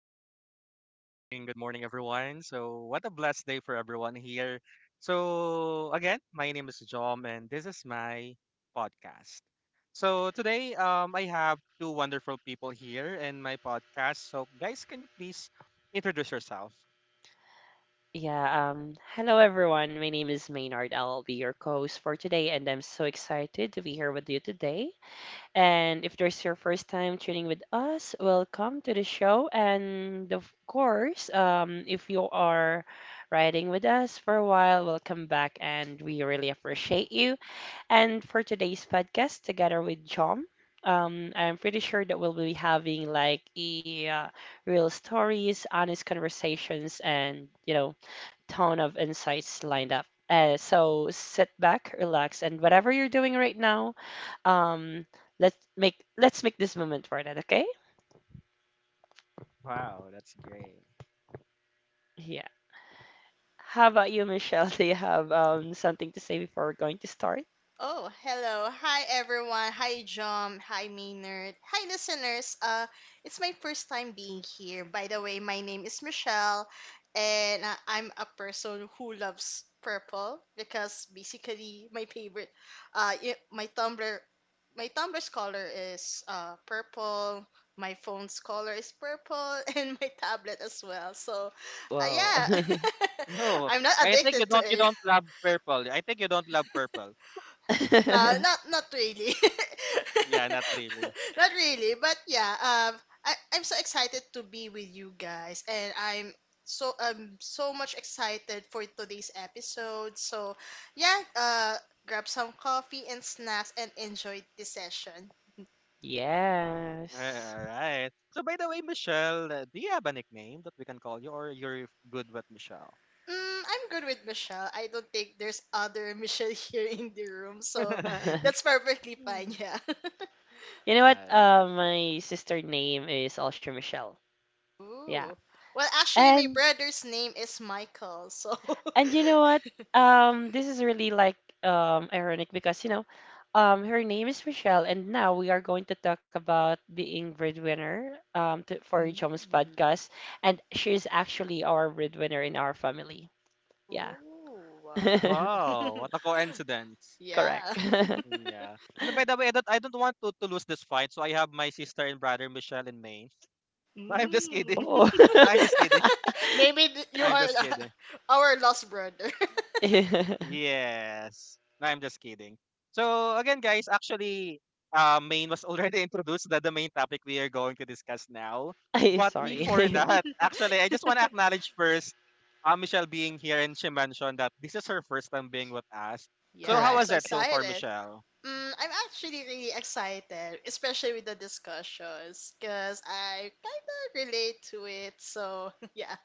All right. Good morning. Good morning, everyone. So, what a blessed day for everyone here. So, again, my name is Jom, and this is my podcast. So, today I have two wonderful people here in my podcast. So, guys, can you please introduce yourself? Yeah, Hello everyone. My name is Maynard. I'll be your co-host for today, and I'm so excited to be here with you today. And if there's your first time tuning with us, welcome to the show. And of course, if you are riding with us for a while, welcome back, and we really appreciate you. And for today's podcast, together with Jom, I'm pretty sure that we'll be having like a real stories, honest conversations, and ton of insights lined up. So sit back, relax, and whatever you're doing right now, um, let's make this moment worth it. Okay? Wow, that's great. Yeah. How about you, Michelle? Do you have something to say before we're going to start? Oh, hello. Hi, everyone. Hi, John. Hi, Maynard. Hi, listeners. It's my first time being here. By the way, my name is Michelle, and I'm a person who loves purple because basically my favorite, uh, i- my Tumblr, my Tumblr's color is purple. My phone's color is purple, and my tablet as well. So, Well, yeah, No, I'm not I think you addicted to don't. You it. don't love purple. I think you don't love purple. No, not really. Yeah, not really. Not really, but yeah, I'm so excited to be with you guys, and I'm so much excited for today's episode. So, yeah, grab some coffee and snacks and enjoy the session. All yes. right. So, by the way, Michelle, do you have a nickname that we can call you, or you're good with Michelle? Mm, I'm good with Michelle. I don't think there's other Michelle here in the room, so that's perfectly fine, yeah. You know what? Alright. My sister name is also Michelle. Yeah. Ooh. Well, actually, my And brother's name is Michael, so And you know what? This is really like ironic because her name is Michelle, and now we are going to talk about being breadwinner for Jom's Mm. podcast, and she is actually our breadwinner in our family. Yeah, Oh, wow. Wow, what a coincidence. correct. Yeah. Yeah. And by the way, I don't want to lose this fight, so I have my sister and brother Michelle and Maine. I'm just Mm. kidding. Oh, No, I'm just kidding. Maybe No, you I'm are just kidding. our lost brother. Yes. No, I'm just kidding. So again, guys, actually, main was already introduced. That the main topic we are going to discuss now. I But before Mm. sorry. that, actually, I just want to acknowledge first, Michelle being here, and she mentioned that this is her first time being with us. So Yeah, how I'm was so that Correct. so far, excited. Michelle? Mm, I'm actually really excited, especially with the discussions, because I kind of relate to it. So, yeah.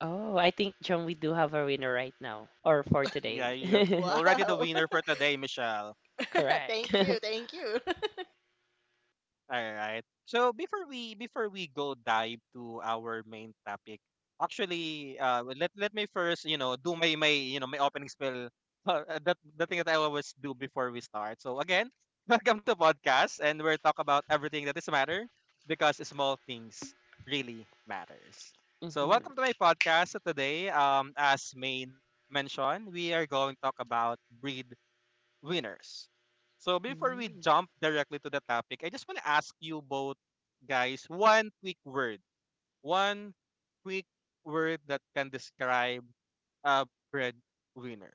Oh, I think John, we do have a winner right now, or for Yeah, today. You're already the Wow. winner for today, Michelle. Correct. Thank you. Thank you. All right. So before we go dive to our main topic, actually, well, let me first do my my my opening spell. That the thing that I always do before we start. So again, welcome to podcast, and we're talk about everything that is matter because small things really matters. So Hmm, welcome to my podcast. So today, as main mentioned, we are going to talk about breed winners. So before we Mm. jump directly to the topic, I just want to ask you both guys one quick word. One quick word that can describe a breadwinner.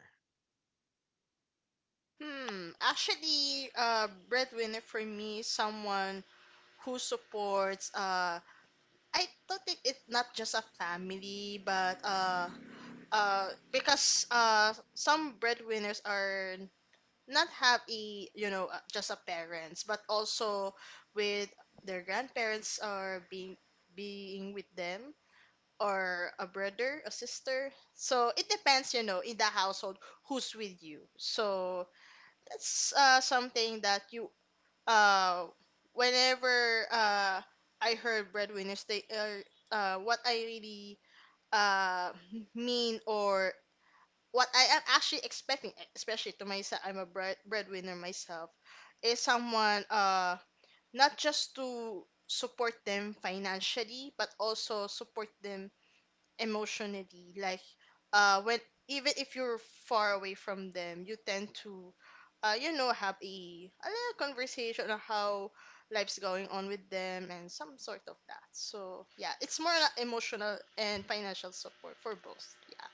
Hmm. Actually, breadwinner for me is someone who supports. I don't think it's not just a family, but because some breadwinners are not have a just a parents, but also with their grandparents or being with them or a brother, a sister. So it depends, in the household who's with you. So that's something that you uh whenever I heard breadwinners, they are what I really uh mean, or what I am actually expecting, especially to myself. I'm a breadwinner myself. Is someone not just to support them financially, but also support them emotionally, like when, even if you're far away from them, you tend to have a little conversation on how life's going on with them and some sort of that. So yeah, it's more like emotional and financial support for both. Yeah.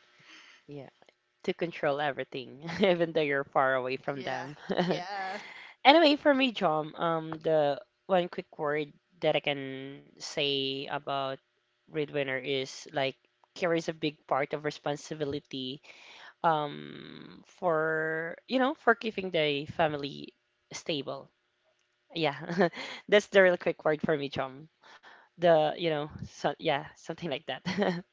to control everything, even though you're far away from Yeah, them. yeah. Anyway, for me, John, the one quick word that I can say about breadwinner is like carries a big part of responsibility for for keeping the family stable. Yeah, that's the real quick word for me, John. The so yeah something like that.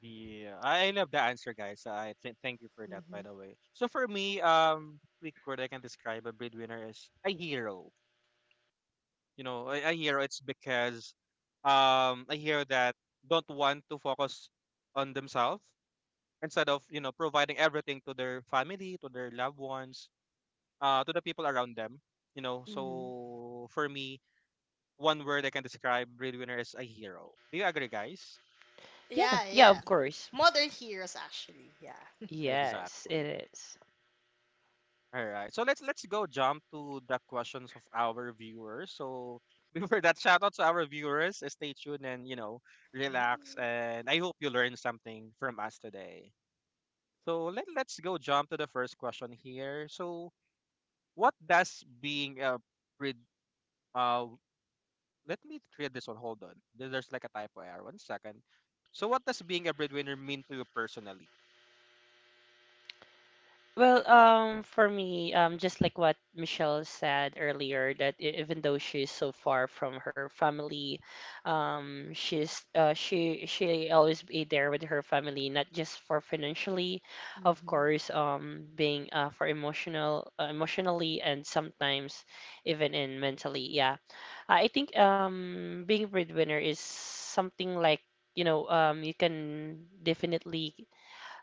Yeah, I love the answer, guys. Thank you for that, by Mm-hmm. the way. So for me, quick word I can describe a breadwinner is a hero. You know, a hero. It's because a hero that don't want to focus on themselves instead of providing everything to their family to their loved ones to the people around them, Mm-hmm. so for me one word I can describe breadwinner is a hero, do you agree guys? Yeah, Yeah, yeah, yeah, of course. modern heroes actually. Yeah. Yes, it Exactly. is. All right, so let's go jump to the questions of our viewers. So before that, shout out to our viewers. Stay tuned and relax, Mm-hmm. and I hope you learned something from us today. So let's go jump to the first question here. So what does being a Uh, let me create this one. Hold on. There's like a typo error. One second. So, what does being a breadwinner mean to you personally? Well, for me, just like what Michelle said earlier, that even though she's so far from her family, she's she always be there with her family, not just for financially, of Mm-hmm. course, being emotionally, and sometimes even in mentally. Yeah, I think being breadwinner is something like you can definitely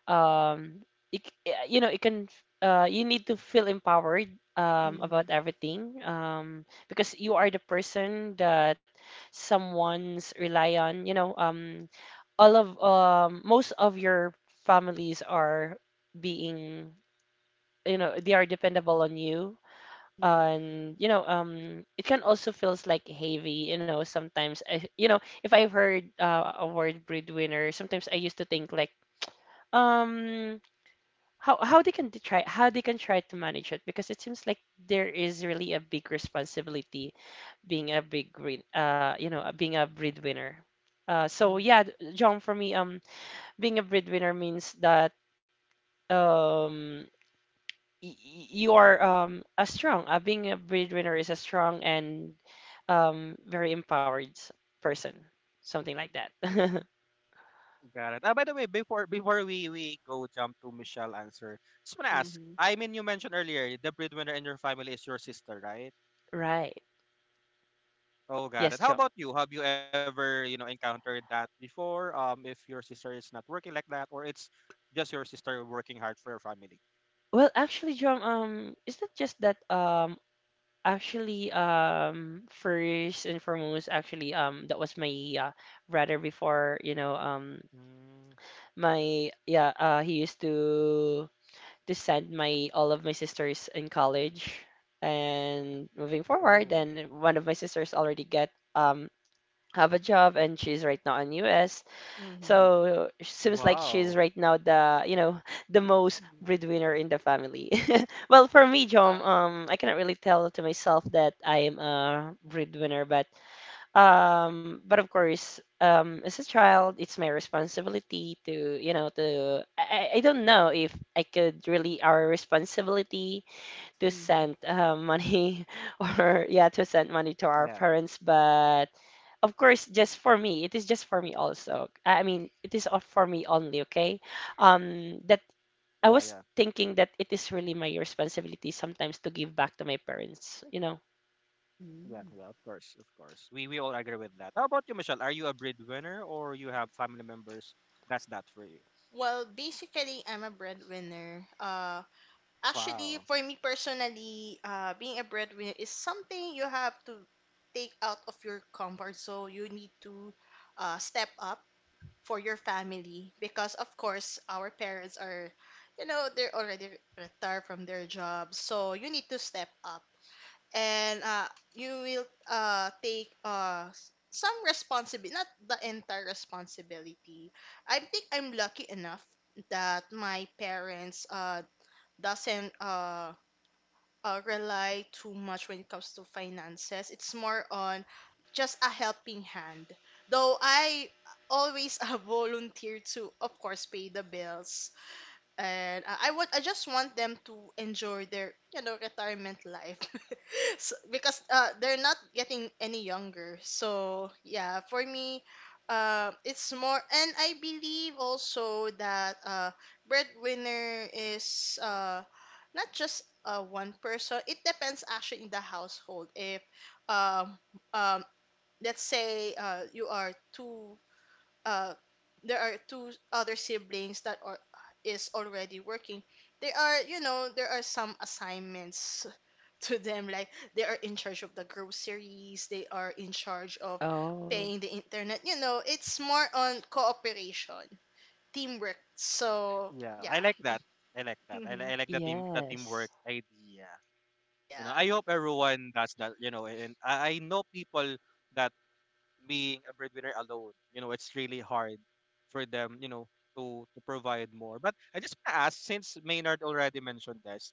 um it, it can you need to feel empowered about everything because you are the person that someone's rely on all of most of your families are being they are dependable on you Mm-hmm. and it can also feels like heavy sometimes I, you know if I've heard a word breadwinner sometimes I used to think like um how they can try to manage it because it seems like there is really a big responsibility being a big breed you know being a breadwinner so yeah John for me being a breadwinner means that um you are a strong being a breadwinner is a strong and very empowered person, something like that. Got it. Ah, by the way, before we go jump to Michelle answer, just wanna ask. Mm-hmm. I mean, you mentioned earlier the breadwinner in your family is your sister, right? Right. Oh, got Yes, it. How John. about you? Have you ever encountered that before? If your sister is not working like that, or it's just your sister working hard for your family. Well actually John um is not just that. First and foremost, that was my brother before, Mm, he used to send my all of my sisters in college, and moving forward, oh, then one of my sisters already get have a job, and she's right now in U.S. Mm-hmm. So it seems like she's wow. right now the, you know, the most breadwinner in the family. Well, for me, John, Mm-hmm. I cannot really tell to myself that I am a breadwinner, but of course, as a child, it's my responsibility to, you know, to I don't Yeah, know if I could really our responsibility to Mhm. send money or yeah to send money to our yeah, parents, but of course just for me it is just for me also. I mean it is all for me only. Okay. That I yeah, was yeah. thinking that it is really my responsibility sometimes to give back to my parents, you know. Yeah, Mm. yeah, of course, of course. We all agree with that. How about you, Michelle? Are you a breadwinner or you have family members? That's that for you. Well, basically, I'm a breadwinner. Actually, Wow. for me personally, being a breadwinner is something you have to take out of your comfort zone. You need to step up for your family because, of course, our parents are, they're already retired from their jobs. So you need to step up. And you will take some responsibility, not the entire responsibility. I think I'm lucky enough that my parents doesn't rely too much when it comes to finances. It's more on just a helping hand. Though I always volunteer to, of course, pay the bills, and I just want them to enjoy their retirement life. So, because they're not getting any younger, so yeah for me, it's more. And I believe also that breadwinner is not just one person. It depends actually in the household if, um, um, let's say you are two, uh, there are two other siblings that are is already working. They are, there are some assignments to them, like they are in charge of the groceries, they are in charge of Oh, paying the internet. It's more on cooperation, teamwork, so Yeah, yeah. I like that. I like that. I like the yes. teamwork idea. You know, Yeah. I hope everyone does that. You know, and I know people that being a breadwinner alone, you know, it's really hard for them. You know, to provide more. But I just wanna ask, since Maynard already mentioned this,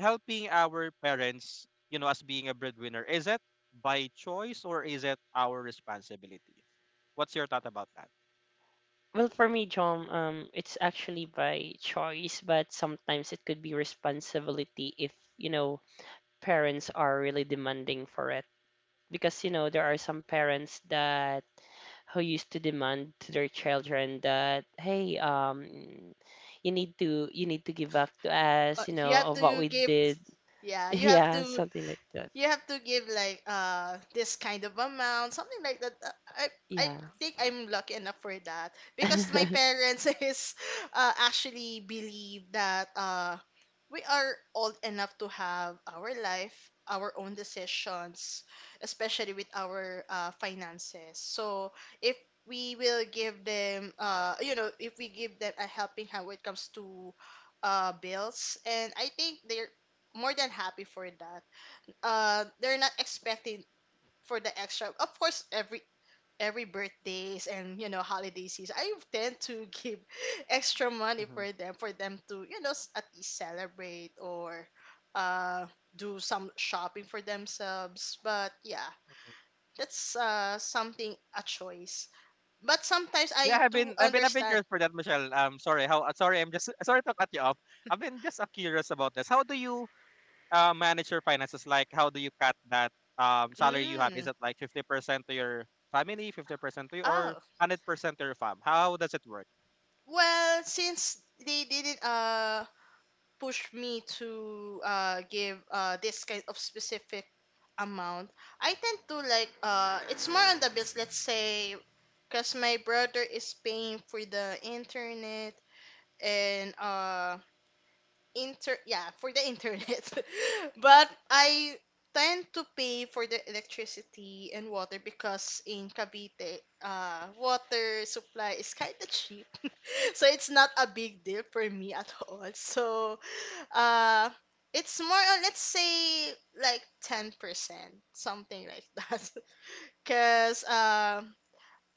helping our parents, you know, as being a breadwinner, is it by choice or is it our responsibility? What's your thought Mm, about that's a that? good question actually, Well for me because John, it's actually I think by it's choice, up but to sometimes it you. could be It's a choice, maybe, responsibility if you know because as I said parents are earlier, really my demanding for it, parents didn't because you know there are ob- some parents oblig that who used to didn't push demand to us their to, children that hey, you have hey, to help us you need financially, hey, to give back to us, you you know, have of what to we give, did. yeah, Yeah, something like that. you have to give like this kind of amount, something like that. I Yeah. think I'm lucky enough for that, because my parents is actually believe that we are old enough to have our own decisions, especially with our finances, so if we will give them you know if we give them a helping hand when it comes to bills, and I think they're more than happy for that. They're not expecting for the extra. Of course, every birthdays and, holiday season, I tend to give extra money Mhm. for them to at least celebrate or uh do some shopping for themselves. But yeah, that's something a choice. But sometimes Yeah, I do I've been understand. curious for that, Michelle. Sorry, how sorry, I'm just sorry to cut you off. I've been just curious about this. How do you manage your finances? Like, how do you cut that salary you have? Is Mm. it like 50% to your family, 50% to you, or Oh. 100% to your farm? How does it work? Well, since they didn't push me to give this kind of specific amount, I tend to like it's more on the bills. Let's say, because my brother is paying for the internet, and inter yeah for the internet. But I tend to pay for the electricity and water because in Cavite, water supply is kind of cheap. So it's not a big deal for me at all. So uh it's more on, let's say, like 10%, something like that. Because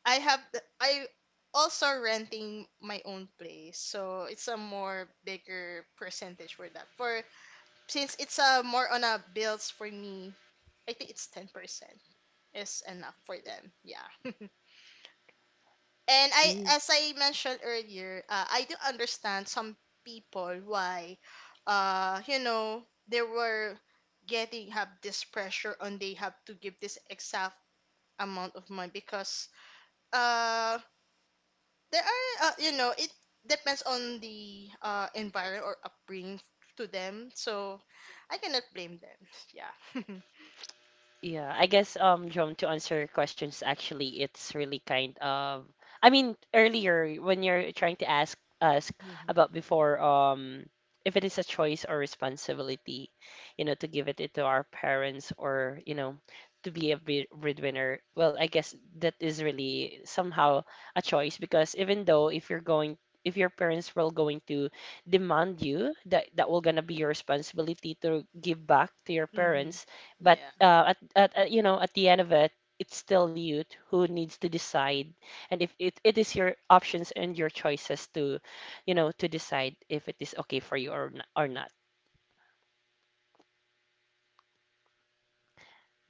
I also renting my own place, so it's a more bigger percentage for that. For Since it's a more on a bills for me, I think it's 10% is enough for them. Yeah. And I, Mm. as I mentioned earlier, I do understand some people why, they were getting have this pressure on, they have to give this exact amount of money, because, um, there are, it depends on the environment or upbringing to them, so I cannot blame them. Yeah. Yeah, I guess John, to answer your questions, actually it's really kind of, I mean earlier when you're trying to ask us about before, if it is a choice or responsibility, you know, to give it to our parents, or you know, to be a breadwinner. Well, I guess that is really somehow a choice, because even though if you're going, if your parents were going to demand you that that will gonna be your responsibility to give back to your Hmm. parents, but Yeah. At you know at the end of it, it's still you who needs to decide, and if it, it is your options and your choices to, you know, to decide if it is okay for you or not, or not.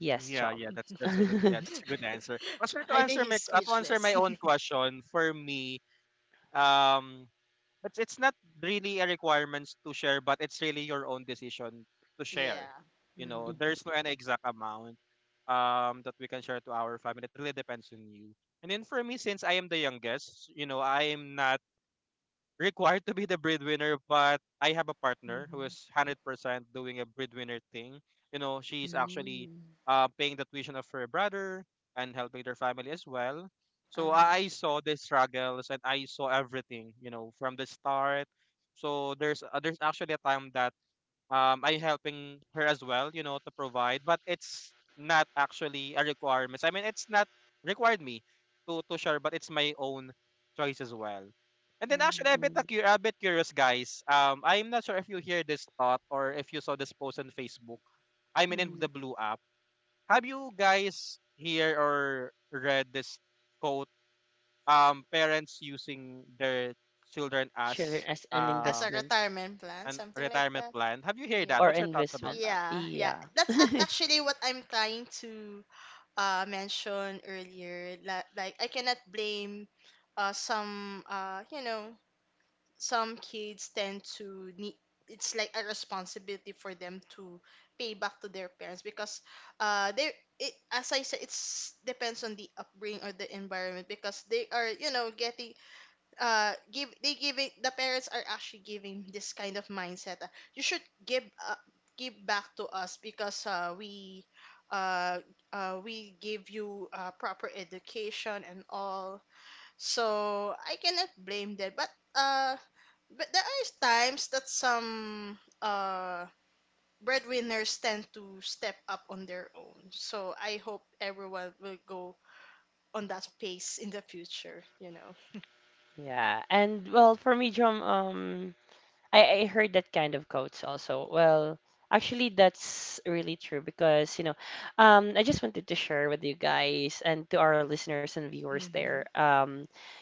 Yes, Yeah, yeah, Chom. That's a good yeah, that's a good answer. Also I think he's to answer my speechless. own question, for me, um it's not really a requirements to share, but it's really your own decision to share. Yeah. You know, Mm-hmm. Mhm, there's no an exact amount that we can share to our family. It really depends on you. And then for me, since I am the youngest, you know, I am not required to be the breadwinner, but I have a partner who Hmm. is 100% doing a breadwinner thing. You know, she's actually Mm. Paying the tuition of her brother and helping their family as well. So Uh-huh. I saw the struggles and I saw everything, you know, from the start. So there's actually a time that I helping her as well, you know, to provide, but it's not actually a requirement. I mean, it's not required me to share, but it's my own choice as well. And then actually, Mm-hmm. I'm a bit mhm. A bit curious, guys. I'm not sure if you hear this thought or if you saw this post on Facebook. I mean, in Hmm. the Blue app, have you guys hear or read this quote? Parents using their children Children as as an As a investment retirement plan, an something like retirement that. plan. Have you heard Yeah. that? or What's your thoughts about investment. that? Yeah, yeah. Yeah. That's actually what I'm trying to mentioned earlier, that like I cannot blame some, some kids tend to need, it's like a responsibility for them to pay back to their parents, because they it as I said, it's depends on the upbringing or the environment, because they are, you know getting give they give it, the parents are actually giving this kind of mindset. You should give, give back to us because uh, we give you proper education and all, so I cannot blame them. But there are times that some breadwinners tend to step up on their own, so I hope everyone will go on that pace in the future. Yeah, and well, for me, Chom, I heard that kind of quotes also. Well, actually, that's really true because, you know, I just wanted to share with you guys and to our listeners and viewers there. Mm-hmm.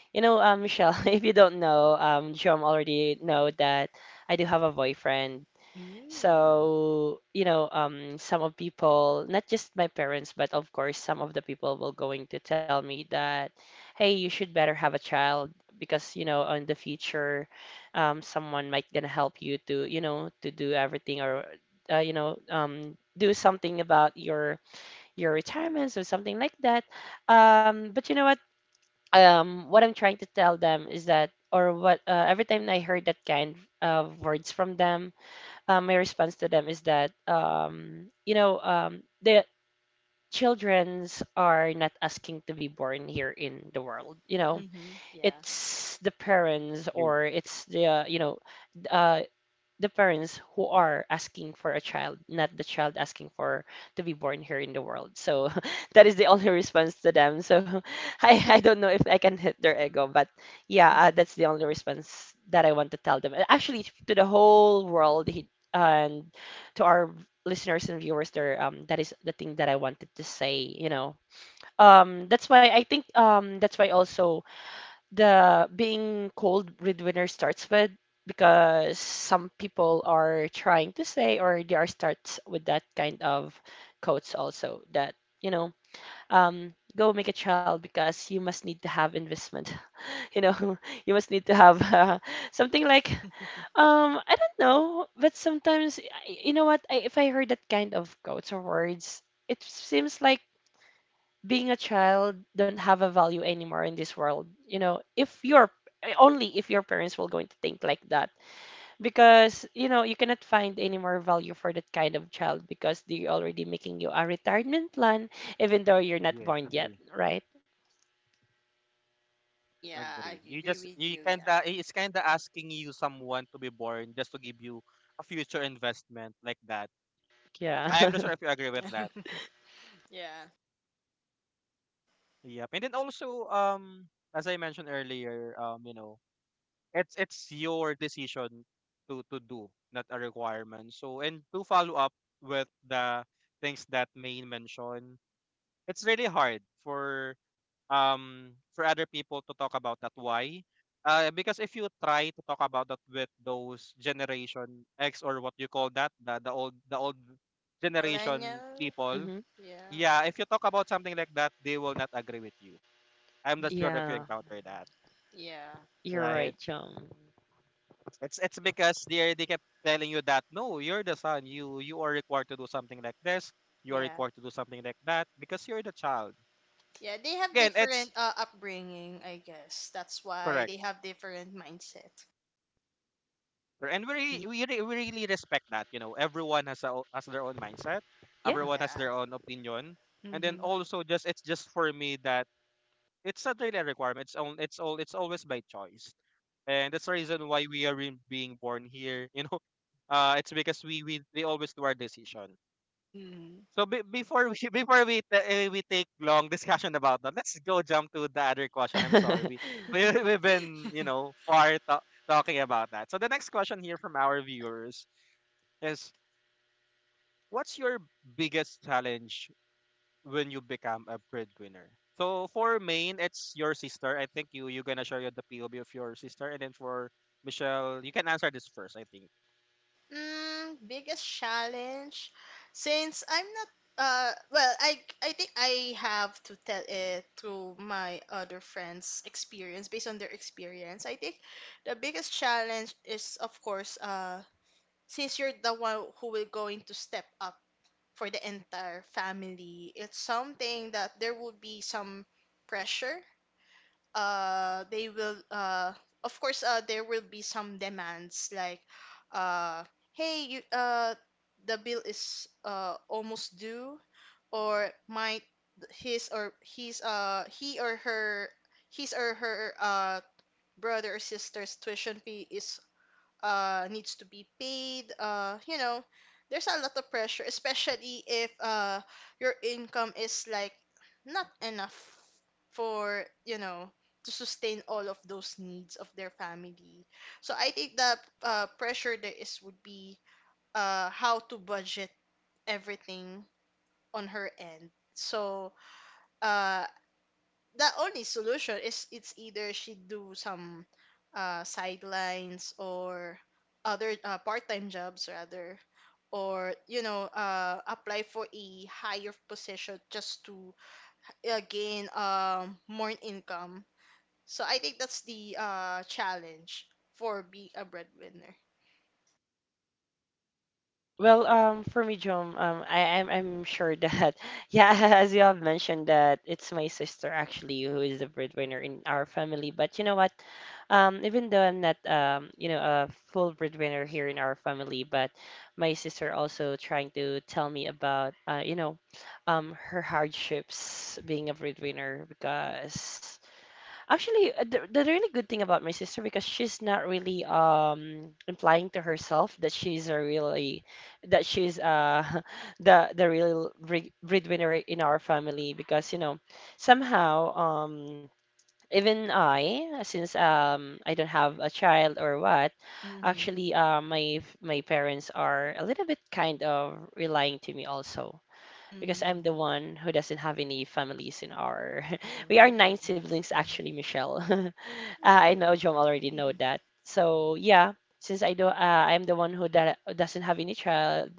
You know, Michelle, if you don't know, Jom already know that I do have a boyfriend. Mm. So, you know, some of people, not just my parents, but of course, some of the people will going to tell me that, hey, you should better have a child because, you know, in the future, someone might gonna help you to, you know, to do everything, or do something about your retirements or something like that. But you know what? What I'm trying to tell them is that, or what, every time I heard that kind of words from them, my response to them is that the childrens are not asking to be born here in the world. You know, Mm-hmm. Yeah. it's the parents, Agree. or it's the uh, the parents who are asking for a child, not the child asking for to be born here in the world. So that is the only response to them. So I don't know if I can hit their ego, but yeah, that's the only response that I want to tell them. And actually, to the whole world he, and to our listeners and viewers there, that is the thing that I wanted to say, you know. That's why also the being called breadwinner starts with, because some people are trying to say, or they are starts with that kind of quotes also that you know go make a child because you must need to have investment, you know, you must need to have something like I don't know, but sometimes you know what if I heard that kind of quotes or words, it seems like being a child don't have a value anymore in this world. You know, if you're only if your parents will going to think like that, because you know you cannot find any more value for that kind of child because they're already making you a retirement plan even though you're not Yes, born yet, agree. right? Yeah, I Agree. You agree just with you you. Yeah. kinda it's kinda asking you someone to be born just to give you a future investment like that. I Yeah. am not sure if you agree with Yeah. that. Yeah. Yep. And then also, as I mentioned earlier, you know, it's your decision to do, not a requirement. So and to follow up with the things that Maine mentioned, it's really hard for other people to talk about that. Why? Because if you try to talk about that with those generation X or what you call that, the old generation Millennial. people, Hmm. Yeah. yeah, if you talk about something like that, they will not agree with you. I'm not sure Mm. if you Yeah, encounter that, Yeah. you're right? right, John. It's because they kept telling you that no, you're the son. You are required to do something like this. You are Yeah. required to do something like that because you're the child. Yeah, they have Again, it's different upbringing, I guess. That's why correct, they have different mindset. and Y- we really respect that you know everyone has has their own mindset, yeah. everyone has Yeah. their own opinion. And then also, just it's just for me that it's not really a requirement, it's always by choice, and that's the reason why we are being born here, you know, uh, it's because we always do our decision. Mm-hmm. So before we before we take long discussion about that, let's go jump to the other question. I'm sorry, we we've been you know far talking about that. So the next question here from our viewers is, what's your biggest challenge when you become a breadwinner? So for Maine, it's your sister. I think you you're gonna share your the POV of your sister, and then for Michelle, you can answer this first, I think. Mm, biggest challenge. Since I'm not well, I think I have to tell it through my other friends' experience based on their experience. I think the biggest challenge is of course, since you're the one who will going to step up for the entire family, it's something that there will be some pressure. They will Of course, there will be some demands, like, uh hey, you the bill is almost due, or might his or his uh he or her his or her brother or sister's tuition fee is, needs to be paid. There's a lot of pressure, especially if your income is like not enough for, to sustain all of those needs of their family. So I think that pressure there is would be how to budget everything on her end. So uh, the only solution is, it's either she do some sidelines, or other part-time jobs rather, or apply for a higher position just to gain more income, so I think that's the challenge for being a breadwinner. Well, for me, Jom, I'm sure that yeah, as you have mentioned that it's my sister actually who is the breadwinner in our family. But you know what? Even though I'm not a full breadwinner here in our family, but my sister also trying to tell me about her hardships being a breadwinner, because actually, the really good thing about my sister because she's not really implying to herself that she's a really that she's the real breadwinner in our family, because you know somehow even I since I don't have a child or what, Mm-hmm. actually my my parents are a little bit kind of relying to me also, because I'm the Mm-hmm. one who doesn't have any families in our we are Oh. nine siblings Mhm. actually, Michelle. Ah, I know Ooh. Jom already know that. So yeah, since I'm the one who that doesn't have any child,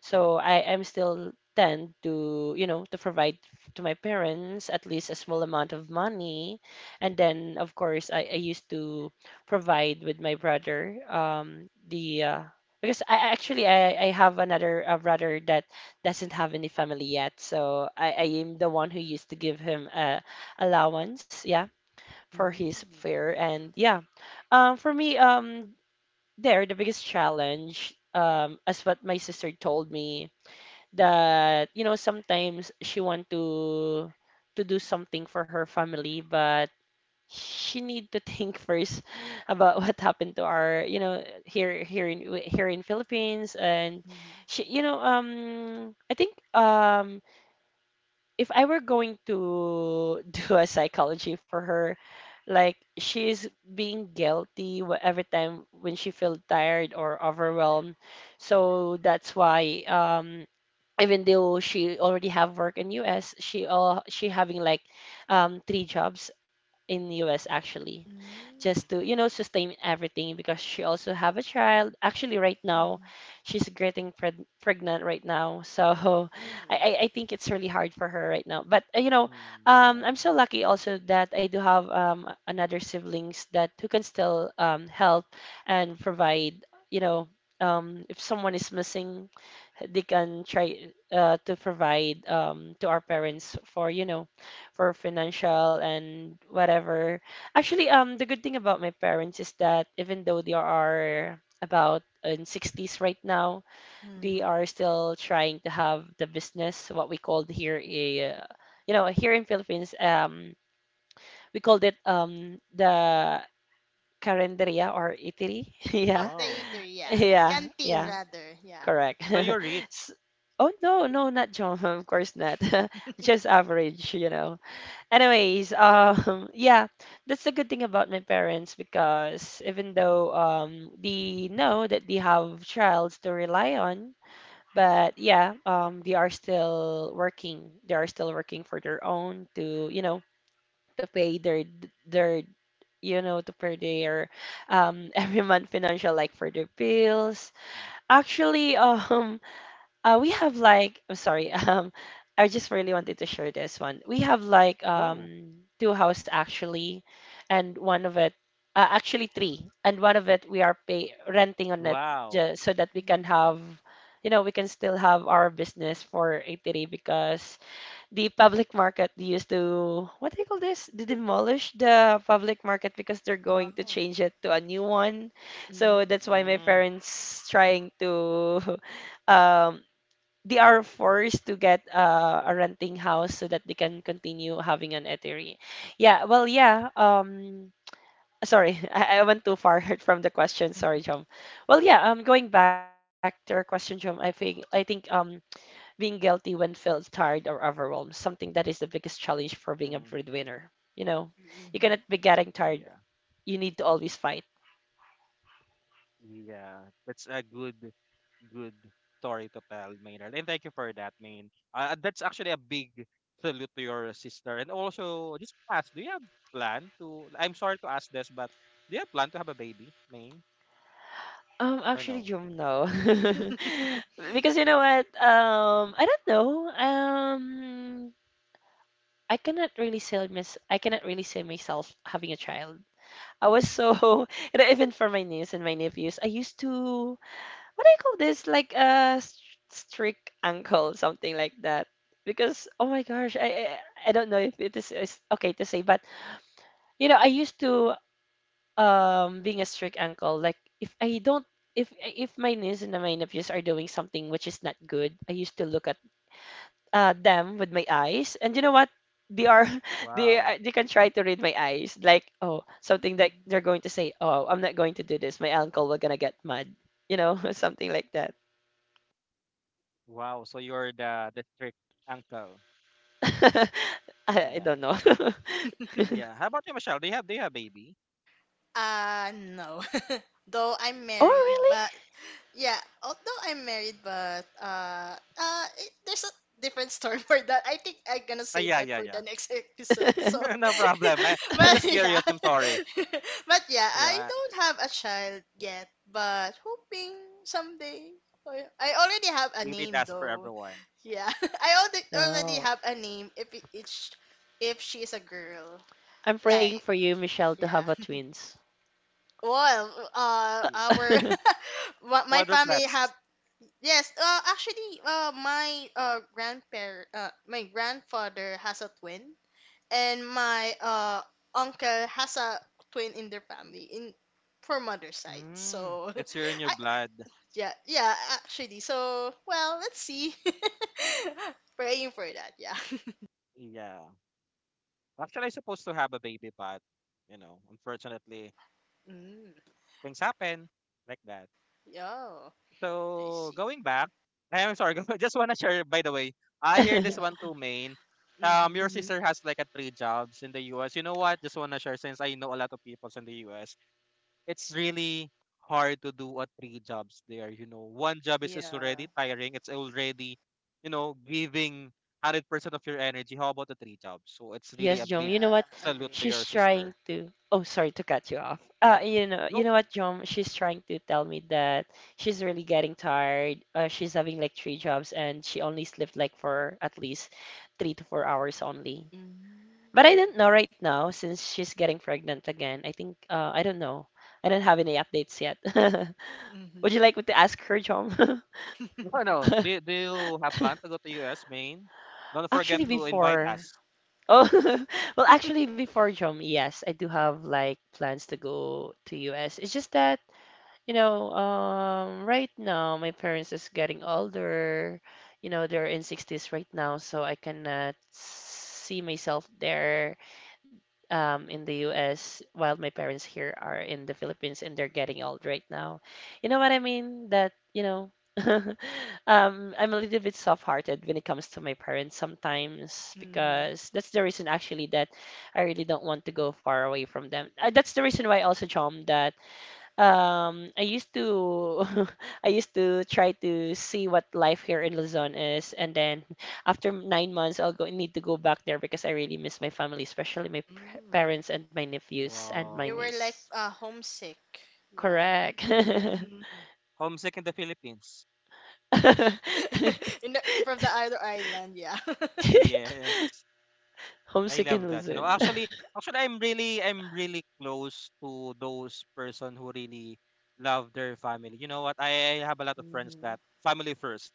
so I am still tend to, to provide to my parents at least a small amount of money, and then of course I used to provide with my brother, the because I have another brother that doesn't have any family yet, so I am the one who used to give him allowance. Yeah, for Mm. his fear. And yeah, um, for me, um, there the biggest challenge, as what my sister told me that you know sometimes she want to do something for her family, but she need to think first about what happened to our you know here in Philippines. And Mhm. she you know I think if I were going to do a psychology for her, like she's being guilty every time when she feels tired or overwhelmed. So that's why even though she already have work in US, she having like 3 jobs in US actually, just Mm. to you know sustain everything because she also have a child actually right now. Mhm. She's getting pregnant right now, so I, Ooh. I I think it's really hard for her right now, but you know, Mm, yeah. I'm so lucky also that I do have another siblings that who can still help and provide, you know, if someone is missing they can try to provide, to our parents for you know, for financial and whatever. Actually, the good thing about my parents is that even though they are about in 60s right now, they Mhm. are still trying to have the business, what we called here a you know here in Philippines, we called it the carinderia or eatery. Yeah, Oh, the Wow. eater, yeah. yeah, Canteen, yeah. rather, yeah. Correct. So you're rich. S- Oh no, no, not John. Of course not. Just average, you know. Anyways, yeah, that's the good thing about my parents because even though they know that they have childs to rely on, but yeah, they are still working. They are still working for their own to, you know, to pay their you know to pay their every month financial like for their bills. Mm, Actually, we have like, I'm sorry, I just really wanted to share this one. We have like go. Two house actually, and one of it, actually three, and one of it we are pay renting on it, Wow. just so that we can Mm. have, you know, we can still have our business for ATD because the public market used to, what do you call this? They demolish the public market because they're going to Oh. change it to a new one. Mm. So that's why my Mm, parents trying to um they are forced to get a renting house so that they can continue having an eatery. Yeah, well, yeah. Sorry, I went too far from the question. Sorry, John. Well, yeah. Going back to our question, John, I think being guilty when felt tired or overwhelmed, something that is the biggest challenge for being a mm, breadwinner. You know, you cannot be getting tired. yeah. You need to always fight. Yeah. That's a good. Good story to tell, Maynard. And thank you for that, Main. That's actually a big salute to your sister. And also, just ask, do you have plan to? I'm sorry to ask this, but do you have plan to have a baby, Main, or Actually, no? Jum, no. Mm-hmm. Because you know what? I don't know. I cannot really see I cannot really see myself having a child. I was so you know, even for my niece and my nephews, I used to what do you call this? Like a s- strict uncle, something like that. Because oh my gosh, I don't know if it is okay to say, but you know, I used to being a strict uncle. Like if I don't if my niece and my nephews are doing something which is not good, I used to look at them with my eyes, and you know what? They are Wow, they can try to read my eyes, like oh something that they're Mm. going to say. Oh, I'm not going to do this. My uncle will gonna get mad, you know, something like that. wow. So you're the strict uncle. I, I Yeah, don't know. Hmm. yeah. How about you, Michelle? Do you have baby? No. Though I'm Oh, married, really? but yeah, although I'm married, but there's a different story for that. I think I'm gonna Ah, save yeah, that yeah, for the yeah. next episode. So, no problem. I'm but just yeah, curious. I'm sorry. Yeah, I don't have a child yet, but hoping someday. Oh, yeah. I already have a baby, name that's for though. everyone. Yeah, I already already Oh, have a name if it, it's if she is a girl. I'm praying Like, for you, Michelle, to have yeah. a twins. Well, Yeah. our my family have, Quadruplets. yes. Actually, my grandfather has a twin, and my uncle has a twin in their family in for mother's side. Mm, So, it's here in your I blood. yeah, yeah, actually. So well, let's see. Praying for that. Yeah. Yeah. Actually, I supposed to have a baby, but you know, unfortunately, Mm, things happen like that. yeah. I So see. going back, I'm sorry. just wanna share. By the way, I hear this one Yeah. too, main. Mm-hmm. Your Mhm. sister has like a three jobs in the U.S. You know what? Just wanna share since I know a lot of people in the U.S. It's really hard to do a three jobs there. You know, one job is already Yeah. tiring. It's already, you know, giving 100% of your energy. How about the three jobs? So it's really Yes, a Jom. big You know Yeah. what? salute to Agree. She's your trying sister. to. Oh, sorry to cut you off. You know what, Jom? She's trying to tell me that she's really getting tired. She's having like 3 jobs, and she only slept like for at least 3 to 4 hours only. Mm. But I don't know right now since she's getting pregnant again. I think I don't know. I don't have any updates yet. Mm-hmm. Would you like me to ask her, Jom? No, no. Do you have plan to go to US, Maine? Don't forget Actually, to invite Mm. before. us. Oh, Cool. well, actually, before Jom, yes, I do have like plans to go to US. It's just that, you know, right now my parents is getting older. You know, they're in 60s right now, so I cannot see myself there in the US while my parents here are in the Philippines and they're getting old right now. You know what I mean? That, you know, I'm a little bit soft-hearted when it comes to my parents sometimes Mm-hmm. because that's the reason actually that I really don't want to go far away from them. That's the reason why also, Chom, that I used to I used to try to see what life here in Luzon is, and then after 9 months, I'll go need to go back there because I really miss my family, especially my p- parents and my nephews and my You Wow. were like niece. Homesick. Yeah. Correct. Yes. Homesick in the Philippines. In the, from the other island, yeah. Yes. I Homesick in love that. You know, Luzon. actually, actually, I'm really close to those person who really love their family. You know what? I have a lot of friends Mm-hmm. that family first.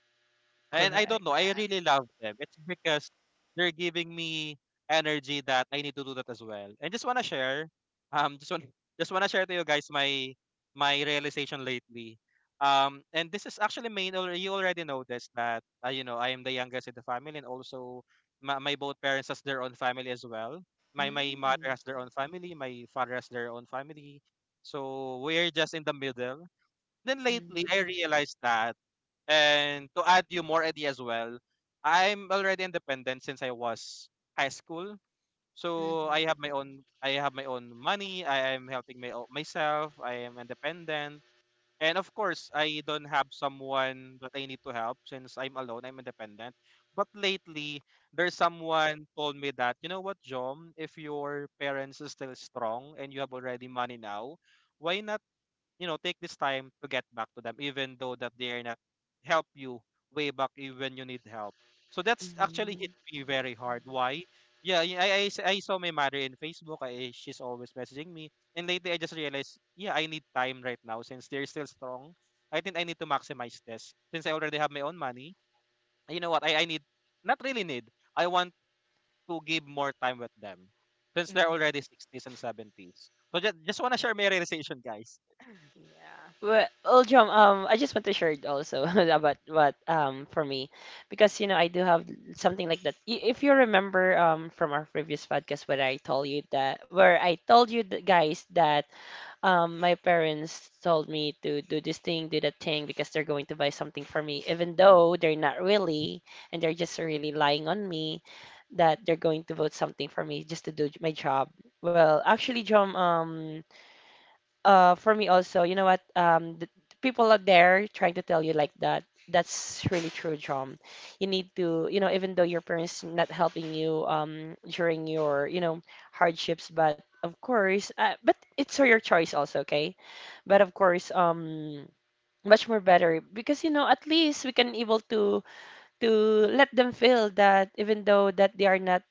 And I don't Correct. know, I Yeah. really love them. It's because they're giving me energy that I need to do that as well. And just wanna share, just want just wanna share to you guys my my realization lately. And this is actually main. You already noticed that you know I am the youngest in the family, and also my both parents has their own family as well. My mother Mm-hmm. has their own family. My father has their own family. So we're just in the middle. Then lately, I Mm-hmm. realized that and to add you more idea as well, I'm already independent since I was high school. So Mm-hmm. I have my own I have my own money. I am helping myself. I am independent. And of course, I don't have someone that I need to help since I'm alone. I'm independent. But lately, there's someone told me that, you know what, Jom, if your parents are still strong and you have already money now, why not you know take this time to get back to them even though that they are not help you way back even you need help. So that's actually hit Mhm. me very hard why. Yeah, yeah, I saw my mother in Facebook. I, she's always messaging me and lately I just realized. Yeah, I need time right now since they're still strong. I think I need to maximize this since I already have my own money. You know what I need, not really need, I want to give more time with them since they're Mm-hmm. already 60s and 70s. So just want to share my realization, guys. Yeah. Well, Uljum, I just want to share it also about what for me, because you know I do have something like that. If you remember from our previous podcast where I told you guys that my parents told me to do this thing, do that thing because they're going to buy something for me, even though they're not really, and they're just really lying on me that they're going to vote something for me just to do my job. Well, actually, John, for me also, you know what? The people out there trying to tell you like that, that's really true, John. You need to, you know, even though your parents not helping you during your, you know, hardships, but of course, but it's your choice also, okay? But of course, Much more better because you know at least we can able to to let them feel that even though that they are not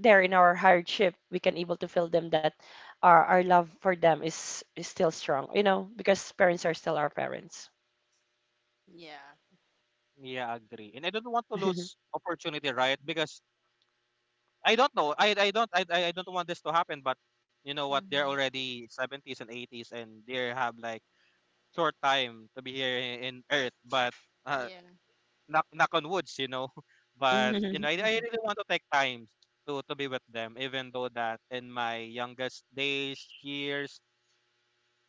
there in our hardship, we can able to feel them that our love for them is still strong, you know, because parents are still our parents. Yeah. Yeah, agree. And I don't want to lose opportunity, right? Because I don't know. I don't want this to happen, but you know what? They're Mm-hmm. already 70s and 80s and they have like short time to be here in Earth, but uh, Yeah. knock knock on woods, you know. But you know, I really want to take time to be with them, even though that in my youngest days, years,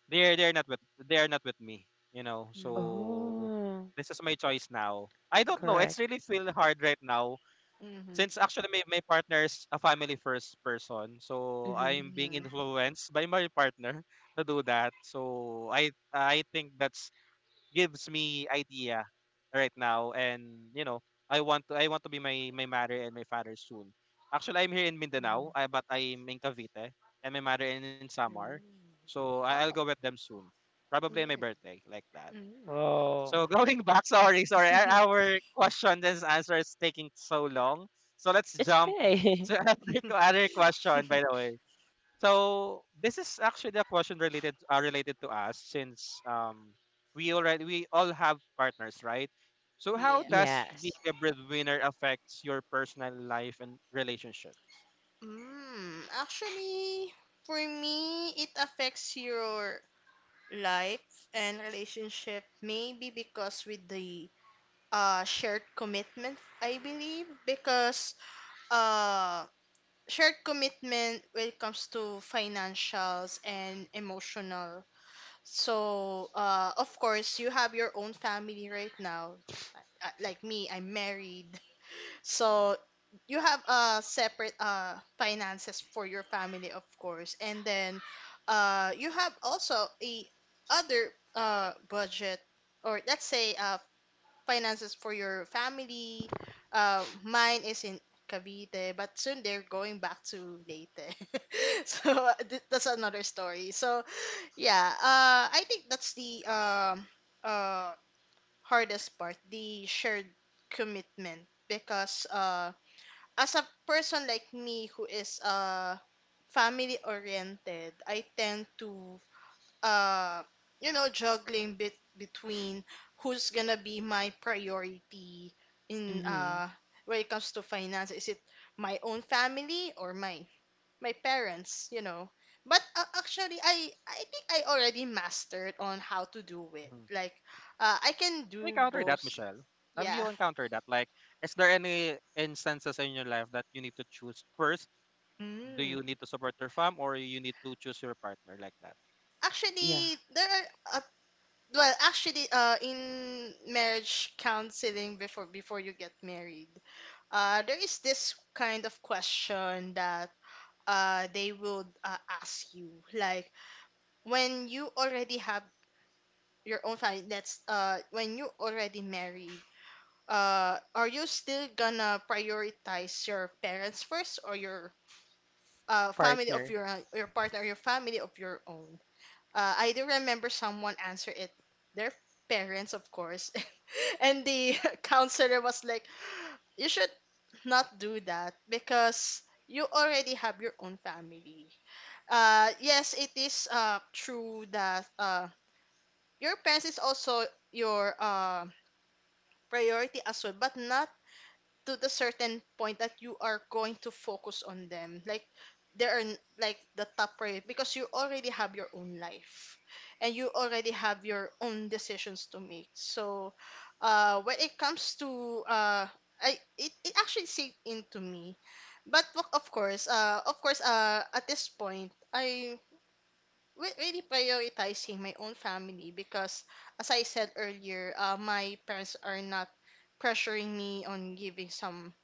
they're not with me, you know. Mm. So Oh, this is my choice now. I don't know. Yeah. It's correct. really feel hard right now. Since actually my my partner is a family first person, so Hmm. I'm being Mm-hmm. influenced by my partner to do that. So I think that's gives me idea right now, and you know I want to be my my mother and my father soon. Actually, I'm here in Mindanao, but I'm in Cavite, and my mother is in Samar. Ooh. So I'll go Oh. with them soon, probably on my birthday, like that. Mm-hmm. Oh, So going back, sorry, our question and answer is taking so long. So let's it's jump okay. to another other question, by the way. So this is actually a question related related to us since we already we all have partners, right? So how Yeah. does Yes. being a breadwinner affects your personal life and relationships? Actually, for me, it affects your life and relationship maybe because with the shared commitment I believe. Because uh shared commitment when it comes to financials and emotional. So of course you have your own family right now. Like me, I'm married, so you have separate finances for your family, of course, and then you have also a other budget or let's say finances for your family. Mine is in Cavite, but soon they're going back to Leyte. So that's another story. So yeah, I think that's the uh hardest part, the shared commitment, because as a person like me who is family oriented, I tend to uh you know juggling bit between who's gonna be my priority in Hmm. When it comes to finance. Is it my own family or my parents? You know. But actually, I think I already mastered on how to do it. Hmm. Like, I can Have you do encountered that, both. Michelle? Have Yeah. you encountered that? Like, is there any instances in your life that you need to choose first? Do Mm. you need to support your fam or you need to choose your partner like that? Yeah, Actually, there are well, actually, in marriage counseling before before you get married, there is this kind of question that they would ask you like when you already have your own family. That's when you already married. Are you still gonna prioritize your parents first or your family of partner. Your partner, or your family of your own? I do remember someone answer it, their parents, of course. And the counselor was like, you should not do that because you already have your own family. Yes, it is true that your parents is also your priority as well, but not to the certain point that you are going to focus on them like there are like the top priority because you already have your own life and you already have your own decisions to make. So when it comes to I it, it actually sink into me, but of course at this point I really prioritizing my own family because as I said earlier, my parents are not pressuring me on giving some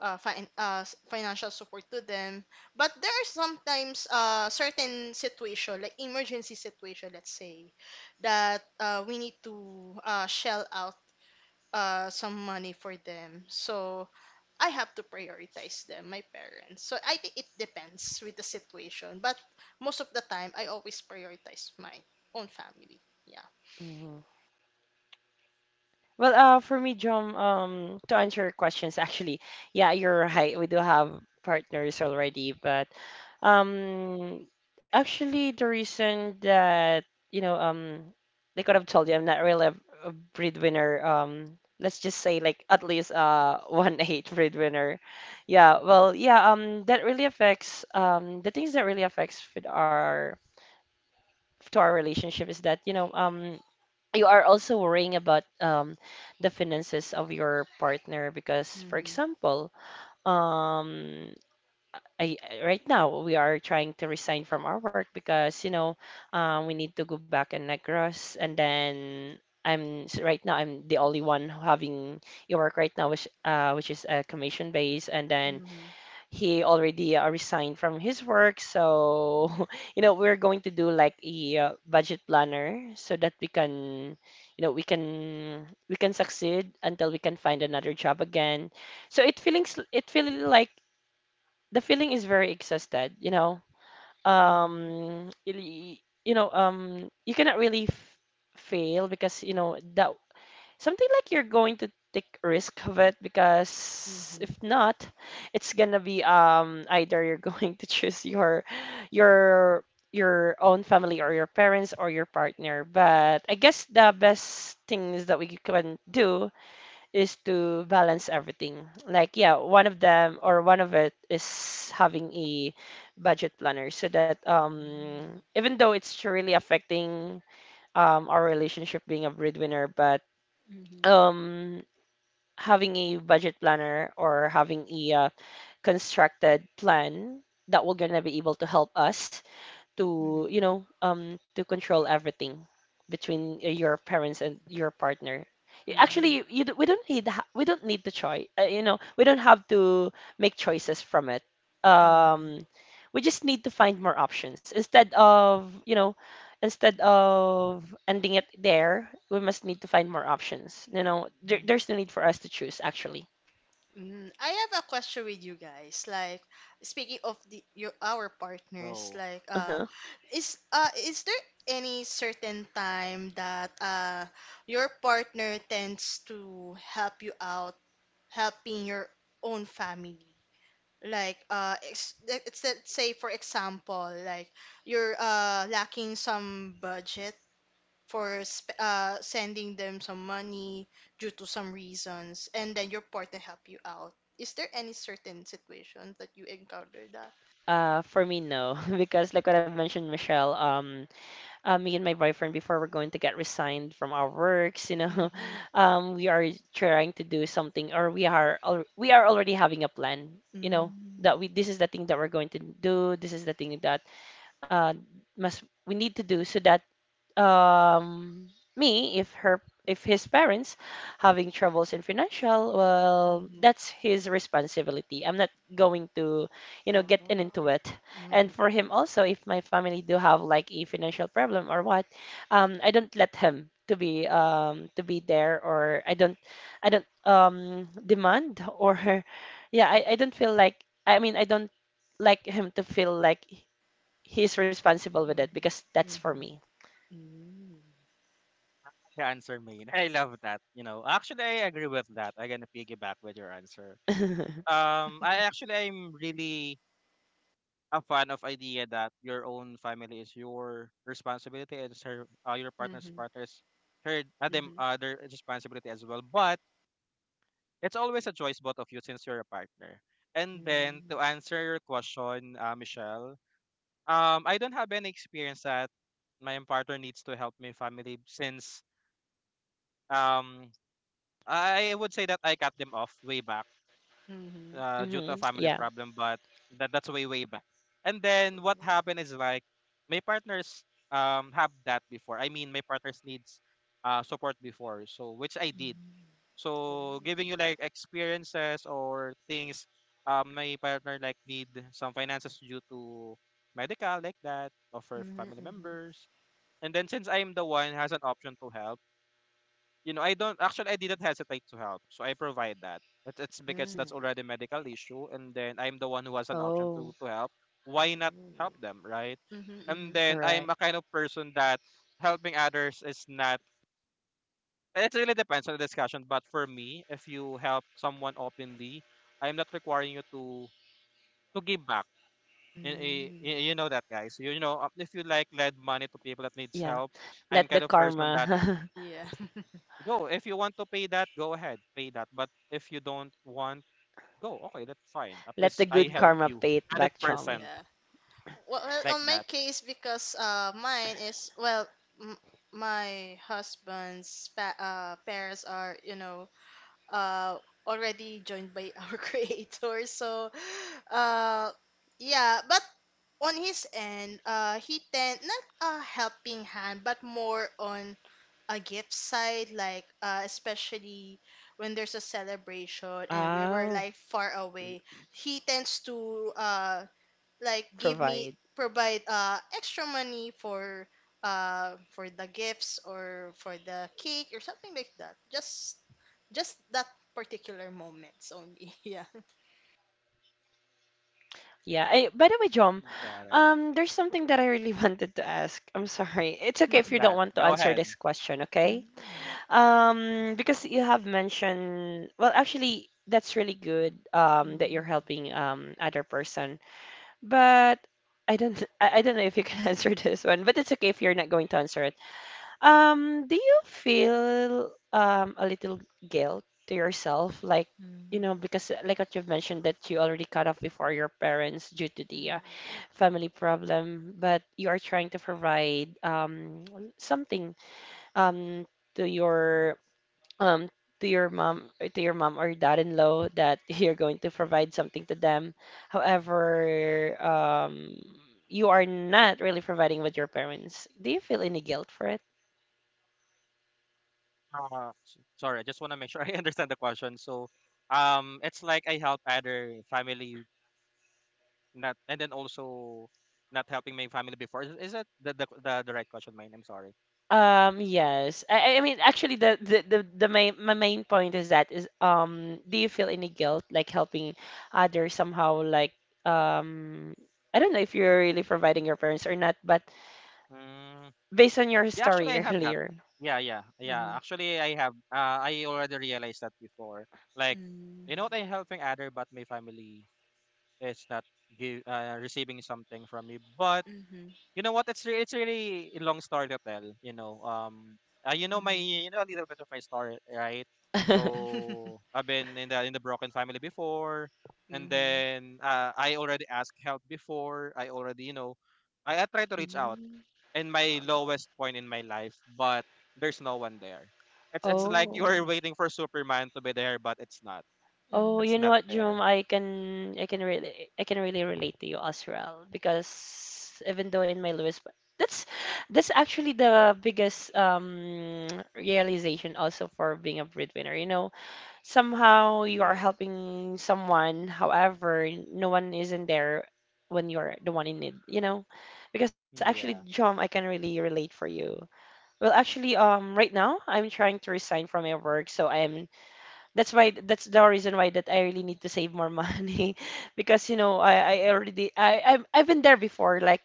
financial support to them. But there are sometimes certain situation, like emergency situation, let's say, that we need to shell out some money for them. So I have to prioritize them, my parents. So I think it depends with the situation. But most of the time, I always prioritize my own family. Yeah. Well, for me, John, to answer your questions, actually, yeah, you're right. We do have partners already, but um, actually, the reason that you know, they could have told you I'm not really a breadwinner. Let's just say like at least one eight breadwinner. Yeah, well, yeah, that really affects the things that really affects with our to our relationship is that you know you are also worrying about the finances of your partner because, for Mm-hmm. example, um, I- right now we are trying to resign from our work because, you know, we need to go back in Negros, and then right now I'm the only one having your work right now, which is a commission base, and then Mm-hmm. he already resigned from his work, so you know we're going to do like a budget planner so that we can you know we can succeed until we can find another job again. So it feelings it feeling like the feeling is very exhausted, you know, Mm-hmm. Really- you know you cannot really fail because you know that something like you're going to take risk of it because Mm-hmm. if not, it's gonna be either you're going to choose your your own family or your parents or your partner. But I guess the best things that we can do is to balance everything. Like, yeah, one of them or one of it is having a budget planner so that even though it's really affecting our relationship being a breadwinner, but Mm-hmm. um having a budget planner or having a constructed plan that will gonna be able to help us to Mm-hmm. To control everything between your parents and your partner. Mm-hmm. Actually we don't need the choice, we don't have to make choices from it. Mm-hmm. um we just need to find more options instead of ending it there. We must need to find more options, you know. there, Mhm. there's no need for us to choose, actually. I have a question with you guys. Like speaking of the your our partners, So like Uh-huh. Is there any certain time that your partner tends to help you out helping your own family? Like let's say for example, like you're lacking some budget for sending them some money due to some reasons, and then your partner help you out. Is there any certain situation that you encounter that? For me, no, because like what I've mentioned, Michelle, me and my boyfriend, before we're going to get resigned from our works, you know, Mm-hmm. We are trying to do something, or we are already having a plan, you know, that Mm-hmm. we— this is the thing that we're going to do, this is the thing that uh, must we need to do so that, um, me, if her— if his parents having troubles in financial, well, that's his responsibility. I'm not going to, you know, get Oh. in into it. Mm-hmm. And for him also, if my family do have like a financial problem or what, I don't let him to be there, or I don't— I don't demand, or yeah, I don't feel like— I mean, I don't like him to feel like he's responsible with it because that's for me. the answer main. I love that. You know, actually I agree with that. I'm gonna piggyback with your answer. I actually I'm really a fan of idea that your own family is your responsibility and your Mm-hmm. partner's her them Mm-hmm. Their responsibility as well. But it's always a choice both of you since you're a partner. And then to Mm-hmm. answer your question, Michelle, um, I don't have any experience that my partner needs to help my family since um I would say that I cut them off way back Mm-hmm. Due to Mm-hmm. a family Yeah. problem, but that that's way way back. And then what Oh. happened is like my partners have that before. I mean my partners needs support before, so which I did. Mm-hmm. So Oh. giving you like experiences or things my partner like need some finances due to medical like that of her Mm-hmm. family Mm-hmm. members. And then since I'm the one has an option to help, you know, I don't actually I didn't hesitate to help. So I provide that. It's because Mm. Mm-hmm. that's already a medical issue and then I'm the one who has an option Oh, to help. Why not help them, right? Mm-hmm. And Mm-hmm. then correct. I'm a kind of person that helping others is not, it really depends on the discussion, but for me, if you help someone openly, I'm not requiring you to give back. Mm. You know that, guys. You know, if you like lend money to people that needs Yeah. help, I'm Let the kind of person that karma— Yeah. go. If you want to pay that, go ahead, pay that. But if you don't want, go. Okay, that's fine. At let the least I good Mm. help karma you. pay it back, Chom. 100% Yeah. Well, well, like on my that. case, because mine is well, m- my husband's parents are you know uh already joined by our creator, so uh yeah, but on his end, he tend not a helping hand, but more on a gift side, like especially when there's a celebration and we were Oh, like far away, he tends to like give me provide. provide extra money for the gifts or for the cake or something like that, just that particular moments only. Yeah. Yeah. I, by the way, Chom, Got it. There's something that I really wanted to ask. I'm sorry. It's okay if What's you don't that? want to Go answer ahead. this question, okay? Mm. Because you have mentioned, well, actually, that's really good, that you're Mm. helping other person. But I don't— I don't know if you can answer this one, but it's okay if you're not going to answer it. Do you feel a little guilt to yourself, like, you know, Mm. because like what you've mentioned, that you already cut off before your parents due to the, Mm. family problem, but you are trying to provide something um to your um to your mom, or to your mom or dad-in-law, that you're going to provide something to them. However, you are not really providing with your parents. Do you feel any guilt for it? Sorry, I just want to make sure I understand the question. So, it's like I help other family not, and then also not helping my family before. Is that the right question, mine? I'm sorry. Yes. I mean, actually, the main, my main point is that is, do you feel any guilt, like helping others somehow, like, um, I don't know if you're really providing your parents or not, but based on your Yeah, actually, story I have that. earlier. Yeah, yeah, yeah. Mhm. Actually, I have. I already realized that before. Like, you know, what, I'm helping other, but my family is not give, receiving something from me. But Mm. Mhm. you know what? It's really a long story to tell. You know my, Mhm. you know a little bit of my story, right? So I've been in the broken family before, and Mhm. then I already asked help before. I already, you know, I tried to reach out Mhm. in my Oh. lowest point in my life, but there's no one there. It's like Oh. you're Mm. waiting for Superman to be there, but it's not. Oh, It's you Mhm. know not what, Jerome? there. I can really relate to you as well because even though in my Lewis, that's that's actually the biggest realization also for being a breadwinner. You know, somehow you are Yes. helping someone, however, no one isn't there when you're the one in need, you know? Because actually, Yeah. Jerome, I can really relate for you. Well, actually, right now I'm trying to resign from my work, so I'm— that's the reason why that I really need to save more money because you know I already— I've been there before, like,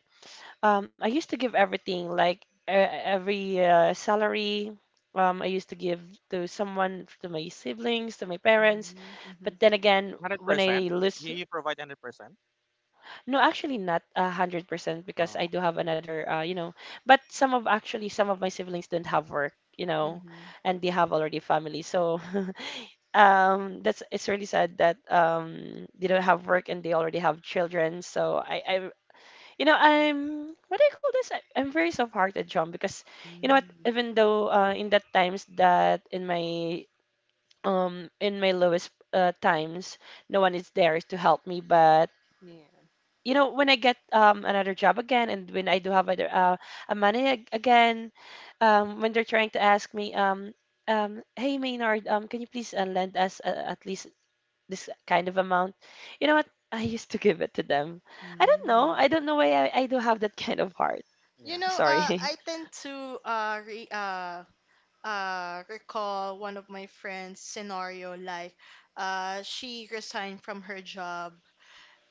I used to give everything, like, every salary, I used to give to someone, to my siblings, to my parents. Mhm. But Mhm. then again, Hundred when percent. I You lose— you provide 100%. no, actually not 100% because Oh, I do okay. have another, you know, but some of— actually some of my siblings don't have work, you know, Mhm. and they have already family. So that's— it's really sad that they don't have work and they already have children. So you know, I'm— what do you call this? I'm very soft-hearted, John, because you know what? Mm. Even though in that times, that in my lowest, times, no one is there to help me. But Yeah. you know, when I get another job again, and when I do have other, a money again, when they're trying to ask me, hey, Maynard, can you please lend us at least this kind of amount? You know what? I used to give it to them. I don't know. Mm. I don't know why I do have that kind of heart. You Yeah. know, Sorry. I tend to uh re- uh recall one of my friends' scenario, like she resigned from her job,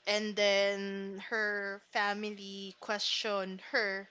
and then her family questioned her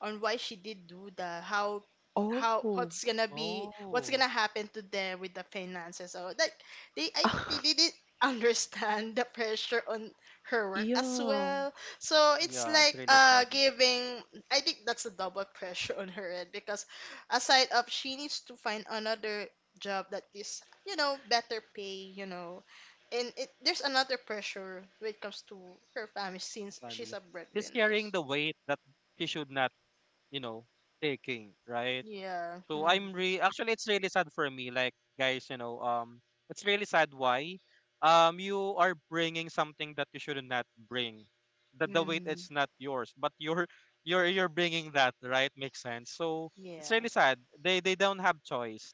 on why she did do that, how Oh, what's gonna be what's Oh, gonna happen to them with the finances. So like they I think they didn't understand the pressure on her work as yeah. well. So it's yeah. It's like really sad. giving, I think that's a double pressure on her end because aside of she needs to find another job that is you know better pay you know, and it there's another pressure when it comes to her family since she's Family. a She's breadwinner. carrying the weight that she should not, you know, taking. Right. Yeah. So Hmm. I'm re actually it's really sad for me like guys, you know, it's really sad why you are bringing something that you should not bring, that the weight Hmm. is not yours but you're you're bringing that, right? Makes sense. So it's Yeah, really sad they don't have choice.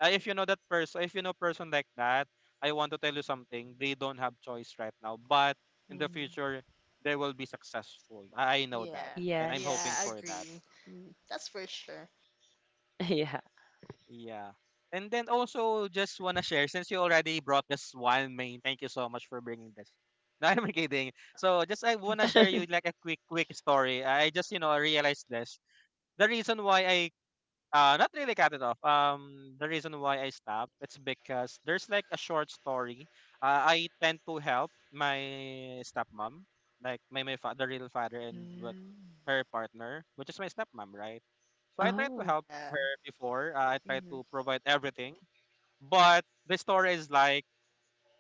Uh, if you know that person, if you know person like that, I want to tell you something: they don't have choice right now but in the future they will be successful. I know that yeah, and I'm yeah. hoping I for that. Yes. agree. Mm, that's for sure. Yeah. Yeah. And then also just want to share since you already brought this one main. Thank you so much for bringing this. No, I'm kidding. So just I want to share you like a quick quick story. I just you know realized this. The reason why I not really cut it off. The reason why I stopped, it's because there's like a short story. I tend to help my stepmom, like my father, real father, and what Mm. her partner, which is my stepmom, right? So I tried to Oh, help Yeah. her before. I tried Hmm. to provide everything, but the story is like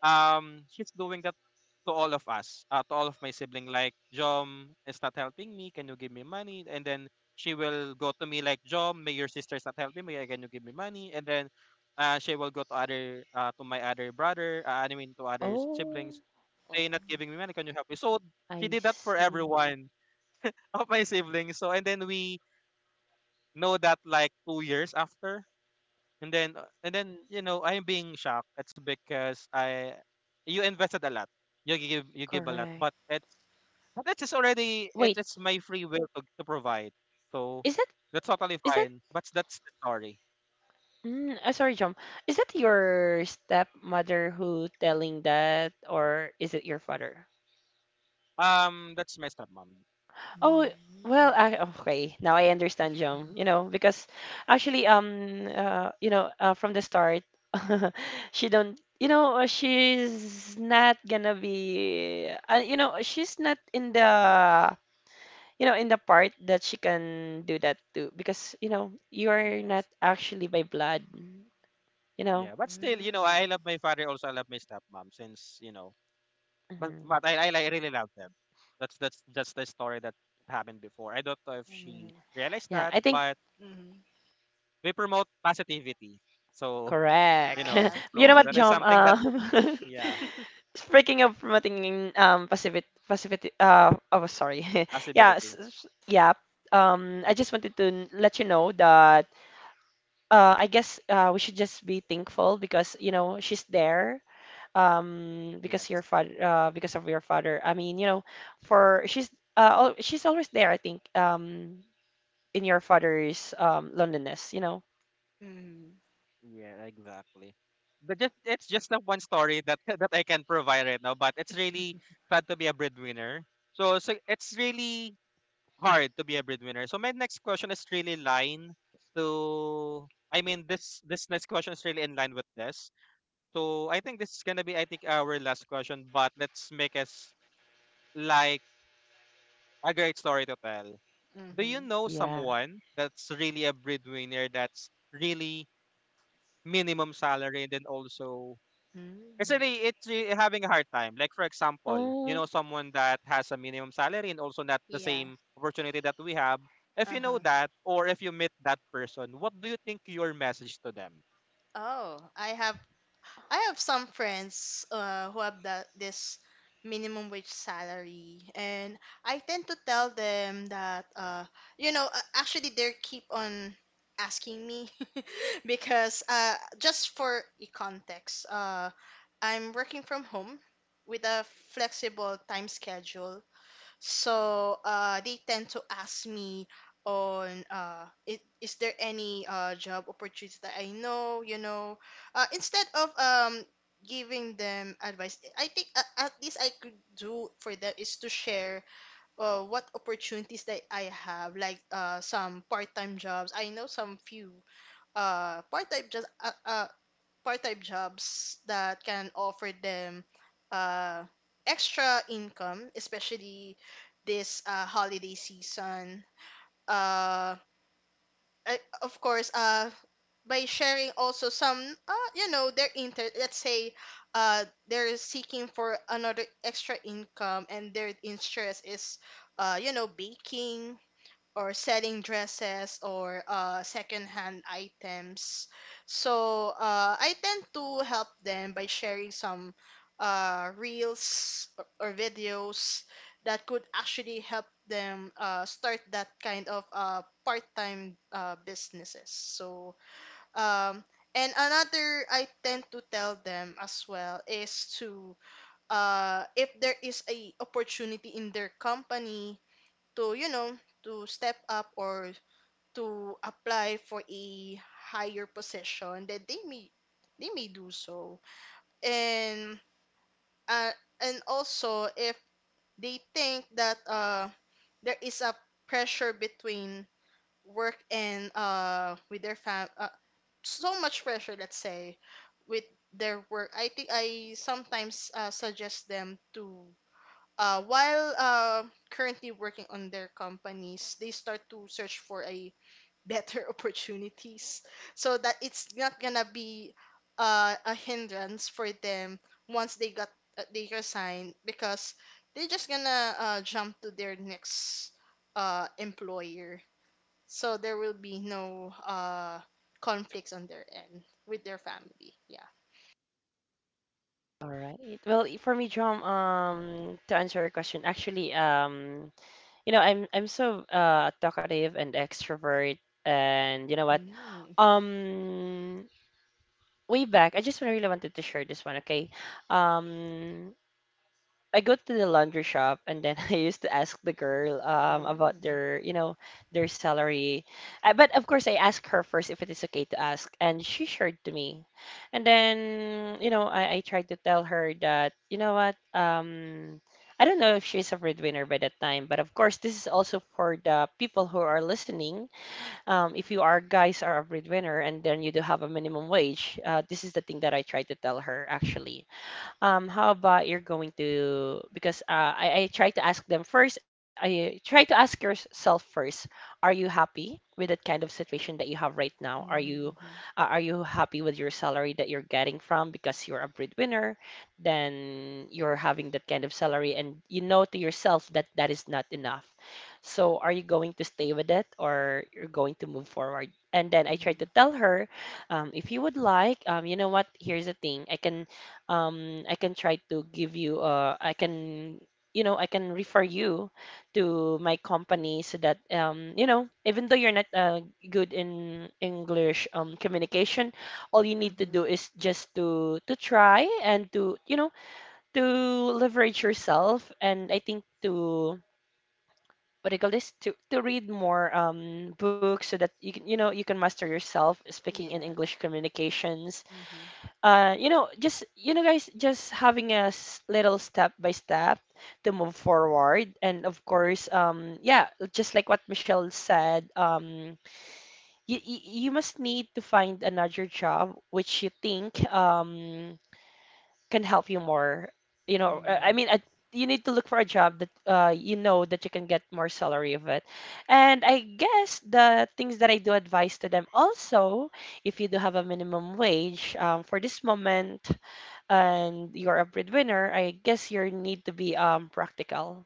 she's doing that to all of us, to all of my sibling. Like, Jom is not helping me. Can you give me money? And then she will go to me like, Jom, may your sister's not helping me. Can you give me money? And then she will go to other, to my other brother. I mean, to other oh, siblings. They Oh. not giving me money. Can you help me? So she I did that for see. everyone of my siblings. So and then we know that like 2 years after. And then you know I'm being shocked. It's because I you invested a lot. You give a lot, Correct. but it's just already Wait, it's my free will to provide. So is that that's totally is that fine. But that's the story. Mm, sorry, John. Is that your stepmother who telling that, or is it your father? That's my stepmom. Oh, Mm-hmm. well, I— okay. Now I understand, John. You know, because actually, you know, from the start, she don't, you know, she's not gonna be, you know, she's not in Yeah. the, you know, in the part that she can do that too, because you know, you're not Yes. actually by blood, you know. Yeah. But still, you know, Mm-hmm. I love my father. Also, I love my stepmom. Since you know, but Mhm. I really love them. That's just the story that happened before. I don't know if she realized Yeah, that, I think— but Mm-hmm. we promote positivity. So, you correct. know, Yeah. You know so what, that is John? something that yeah, speaking of promoting passivity, passivity. Oh, sorry. yeah, possibility. Yeah. I just wanted to let you know that I guess we should just be thankful because you know she's there. Because your Yes. father, because of your father. I mean, you know, for she's she's always there. I think, in your father's loneliness. You know. Mm-hmm. Yeah, exactly. But just it's just the one story that that I can provide right now, but it's really fun to be a breadwinner. So so it's really hard to be a breadwinner. So my next question is really line to, I mean, this next question is really in line with this. So I think this is gonna be I think our last question, but let's make us like a great story to tell. Do you Mm-hmm. know Yeah. someone that's really a breadwinner that's really minimum salary and then also Mm. It's really having a hard time? Like for example, you Oh. know someone that has a minimum salary and also not the Yeah. same opportunity that we have, if you know Uh-huh. that or if you meet that person, what do you think your message to them? Oh, I have some friends who have that this minimum wage salary, and I tend to tell them that you know actually they keep on asking me. Because just for a context, I'm working from home with a flexible time schedule, so they tend to ask me on is there any job opportunities that I know, you know, instead of giving them advice, I think at least I could do for them is to share what opportunities that I have, like some part-time jobs. I know some few part-time jobs. Part-time jobs that can offer them uh, extra income, especially this holiday season. Uh, of course, by sharing also some, you know, their inter. Let's say, they're seeking for another extra income, and their interest is, you know, baking or selling dresses or secondhand items. So I tend to help them by sharing some reels or videos that could actually help them start that kind of part-time businesses. So um, and another I tend to tell them as well is to if there is a opportunity in their company to you know to step up or to apply for a higher position that they may do so. And uh, and also if they think that there is a pressure between work and with their fam so much pressure let's say with their work, I think I sometimes suggest them to while currently working on their companies, they start to search for a better opportunities, so that it's not gonna be a hindrance for them once they got they resign because they're just gonna jump to their next employer, so there will be no conflicts on their end with their family. Yeah. All right. Well, for me, John, to answer your question, actually, you know, I'm so talkative and extrovert, and you know what? Mm-hmm. Um, way back, I just really wanted to share this one, okay? Um, I go to the laundry shop and then I used to ask the girl about their, you know, their salary. But of course I asked her first if it is okay to ask, and she shared to me. And then, you know, I tried to tell her that, you know what, um, I don't know if she's a breadwinner by that time, but of course this is also for the people who are listening. If you are guys are a breadwinner and then you do have a minimum wage, this is the thing that I tried to tell her actually. How about you're going to, because uh, I try to ask them first, I try to ask yourself first, are you happy with that kind of situation that you have right now? Mm-hmm. Are you happy with your salary that you're getting from because you're a breadwinner? Then you're having that kind of salary and you know to yourself that that is not enough. So are you going to stay with it or you're going to move forward? And then I tried Mm-hmm. to tell her, if you would like, you know what? Here's the thing. I can try to give you, I can, you know, I can refer you to my company so that, you know, even though you're not good in English communication, all you need to Hmm. do is just to— to try and to, you know, to leverage yourself. And I think to— what do you call this? To— to read more books so that you can, you know, you can master yourself speaking in Yeah. English communications. Mm-hmm. You know, just, you know, guys, just having a little step by step to move forward, and of course, yeah, just like what Michelle said, you you you must need to find another job which you think can help you more. You know, I Mm. mean, you need to look for a job that uh, you know, that you can get more salary of it. And I guess the things that I do advise to them also, if you do have a minimum wage, for this moment and you're a breadwinner, I guess you need to be, practical.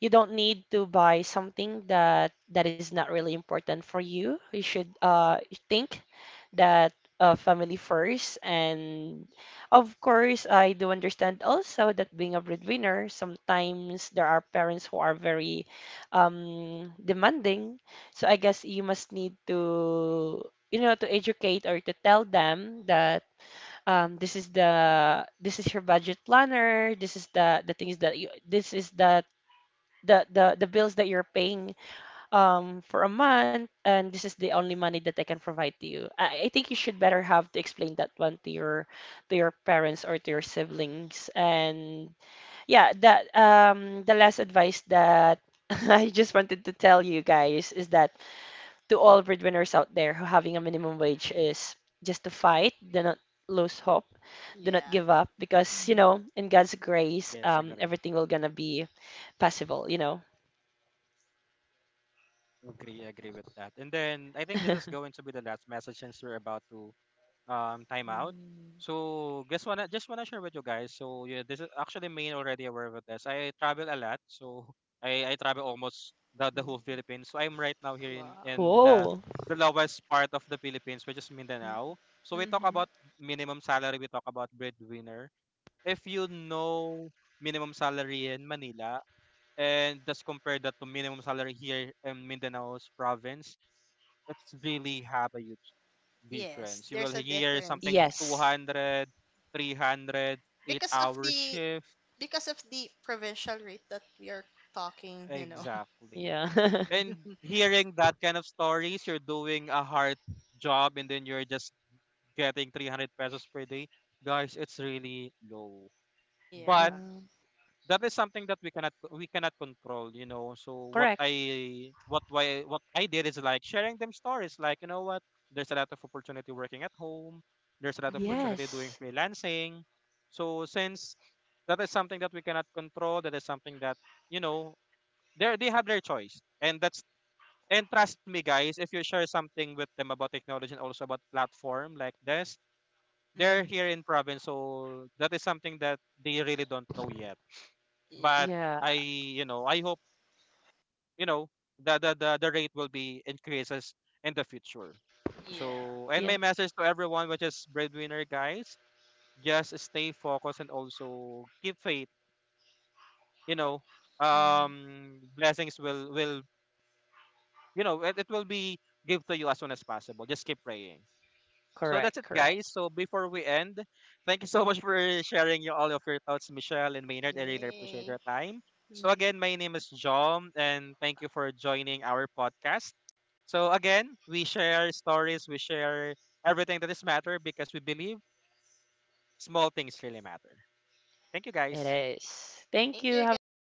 You don't need to buy something that is not really important for you. You should, think that, family first, and of course, I do understand also that being a breadwinner, sometimes there are parents who are very, demanding. So I guess you must need to, you know, to educate or to tell them that, this is your budget planner. This is the things that you this is the, the bills that you're paying for a month, and this is the only money that I can provide to you. I think you should better have to explain that one to your— to your parents or to your siblings. And yeah, that, the last advice that I just wanted to tell you guys is that to all breadwinners out there who having a minimum wage is just to fight, do not lose hope, do not Yeah. give up because, you Mm-hmm. know, in God's grace, Yes, agree. everything will gonna be possible, you know. Agree, agree with that. And then I think this is going to be the last message since we're about to time. Mm-hmm. So guess what? I just wanna share with you guys. So yeah, this is actually me already aware of this. I travel a lot, so I travel almost the whole Philippines. So I'm right now here Wow. in Whoa. the lowest part of the Philippines, which is Mindanao. So we talk Mm. about minimum salary. We talk about breadwinner. If you know minimum salary in Manila and just compare that to minimum salary here in Mindanao's province, it's really have a huge Yes, difference. You will there's a hear difference. something two Yes. hundred three hundred eight Because of hour the shift. because of the provincial rate that we are talking, you know. Exactly. Yeah. And Mhm. hearing that kind of stories, you're doing a hard job and then you're just getting 300 pesos per day. Guys, it's really low. Yeah. But Yeah. that is something that we cannot control, you know. So what Correct. I what why what I did is like sharing them stories like you know what, there's a lot of opportunity working at home, there's a lot of Mm-hmm. opportunity doing Yes. freelancing. So since that is something that we cannot control, that is something that you know they have their choice, and that's and trust me guys if you share something with them about technology and also about platform like this, they're Hmm. here in province so that is something that they really don't know yet. Yeah. But Yeah. I, you know, I hope, you know, the rate will be increases in the future. Yeah. So, and my Yeah. message to everyone, which is breadwinner guys, just stay focused and also keep faith. You know, Hmm. Blessings will you know it, it will be give to you as soon as possible. Just keep praying. So that's Correct. it, Correct. guys. So before we end, thank you so much for sharing your, all of your thoughts, Michelle and Maynard. I really appreciate Yay. your time. So again, my name is John, and thank you for joining our podcast. So again, we share stories, we share everything that is matter because we believe small things really matter. Thank you, It guys. is. Thank Thank you. you, Have a great guys.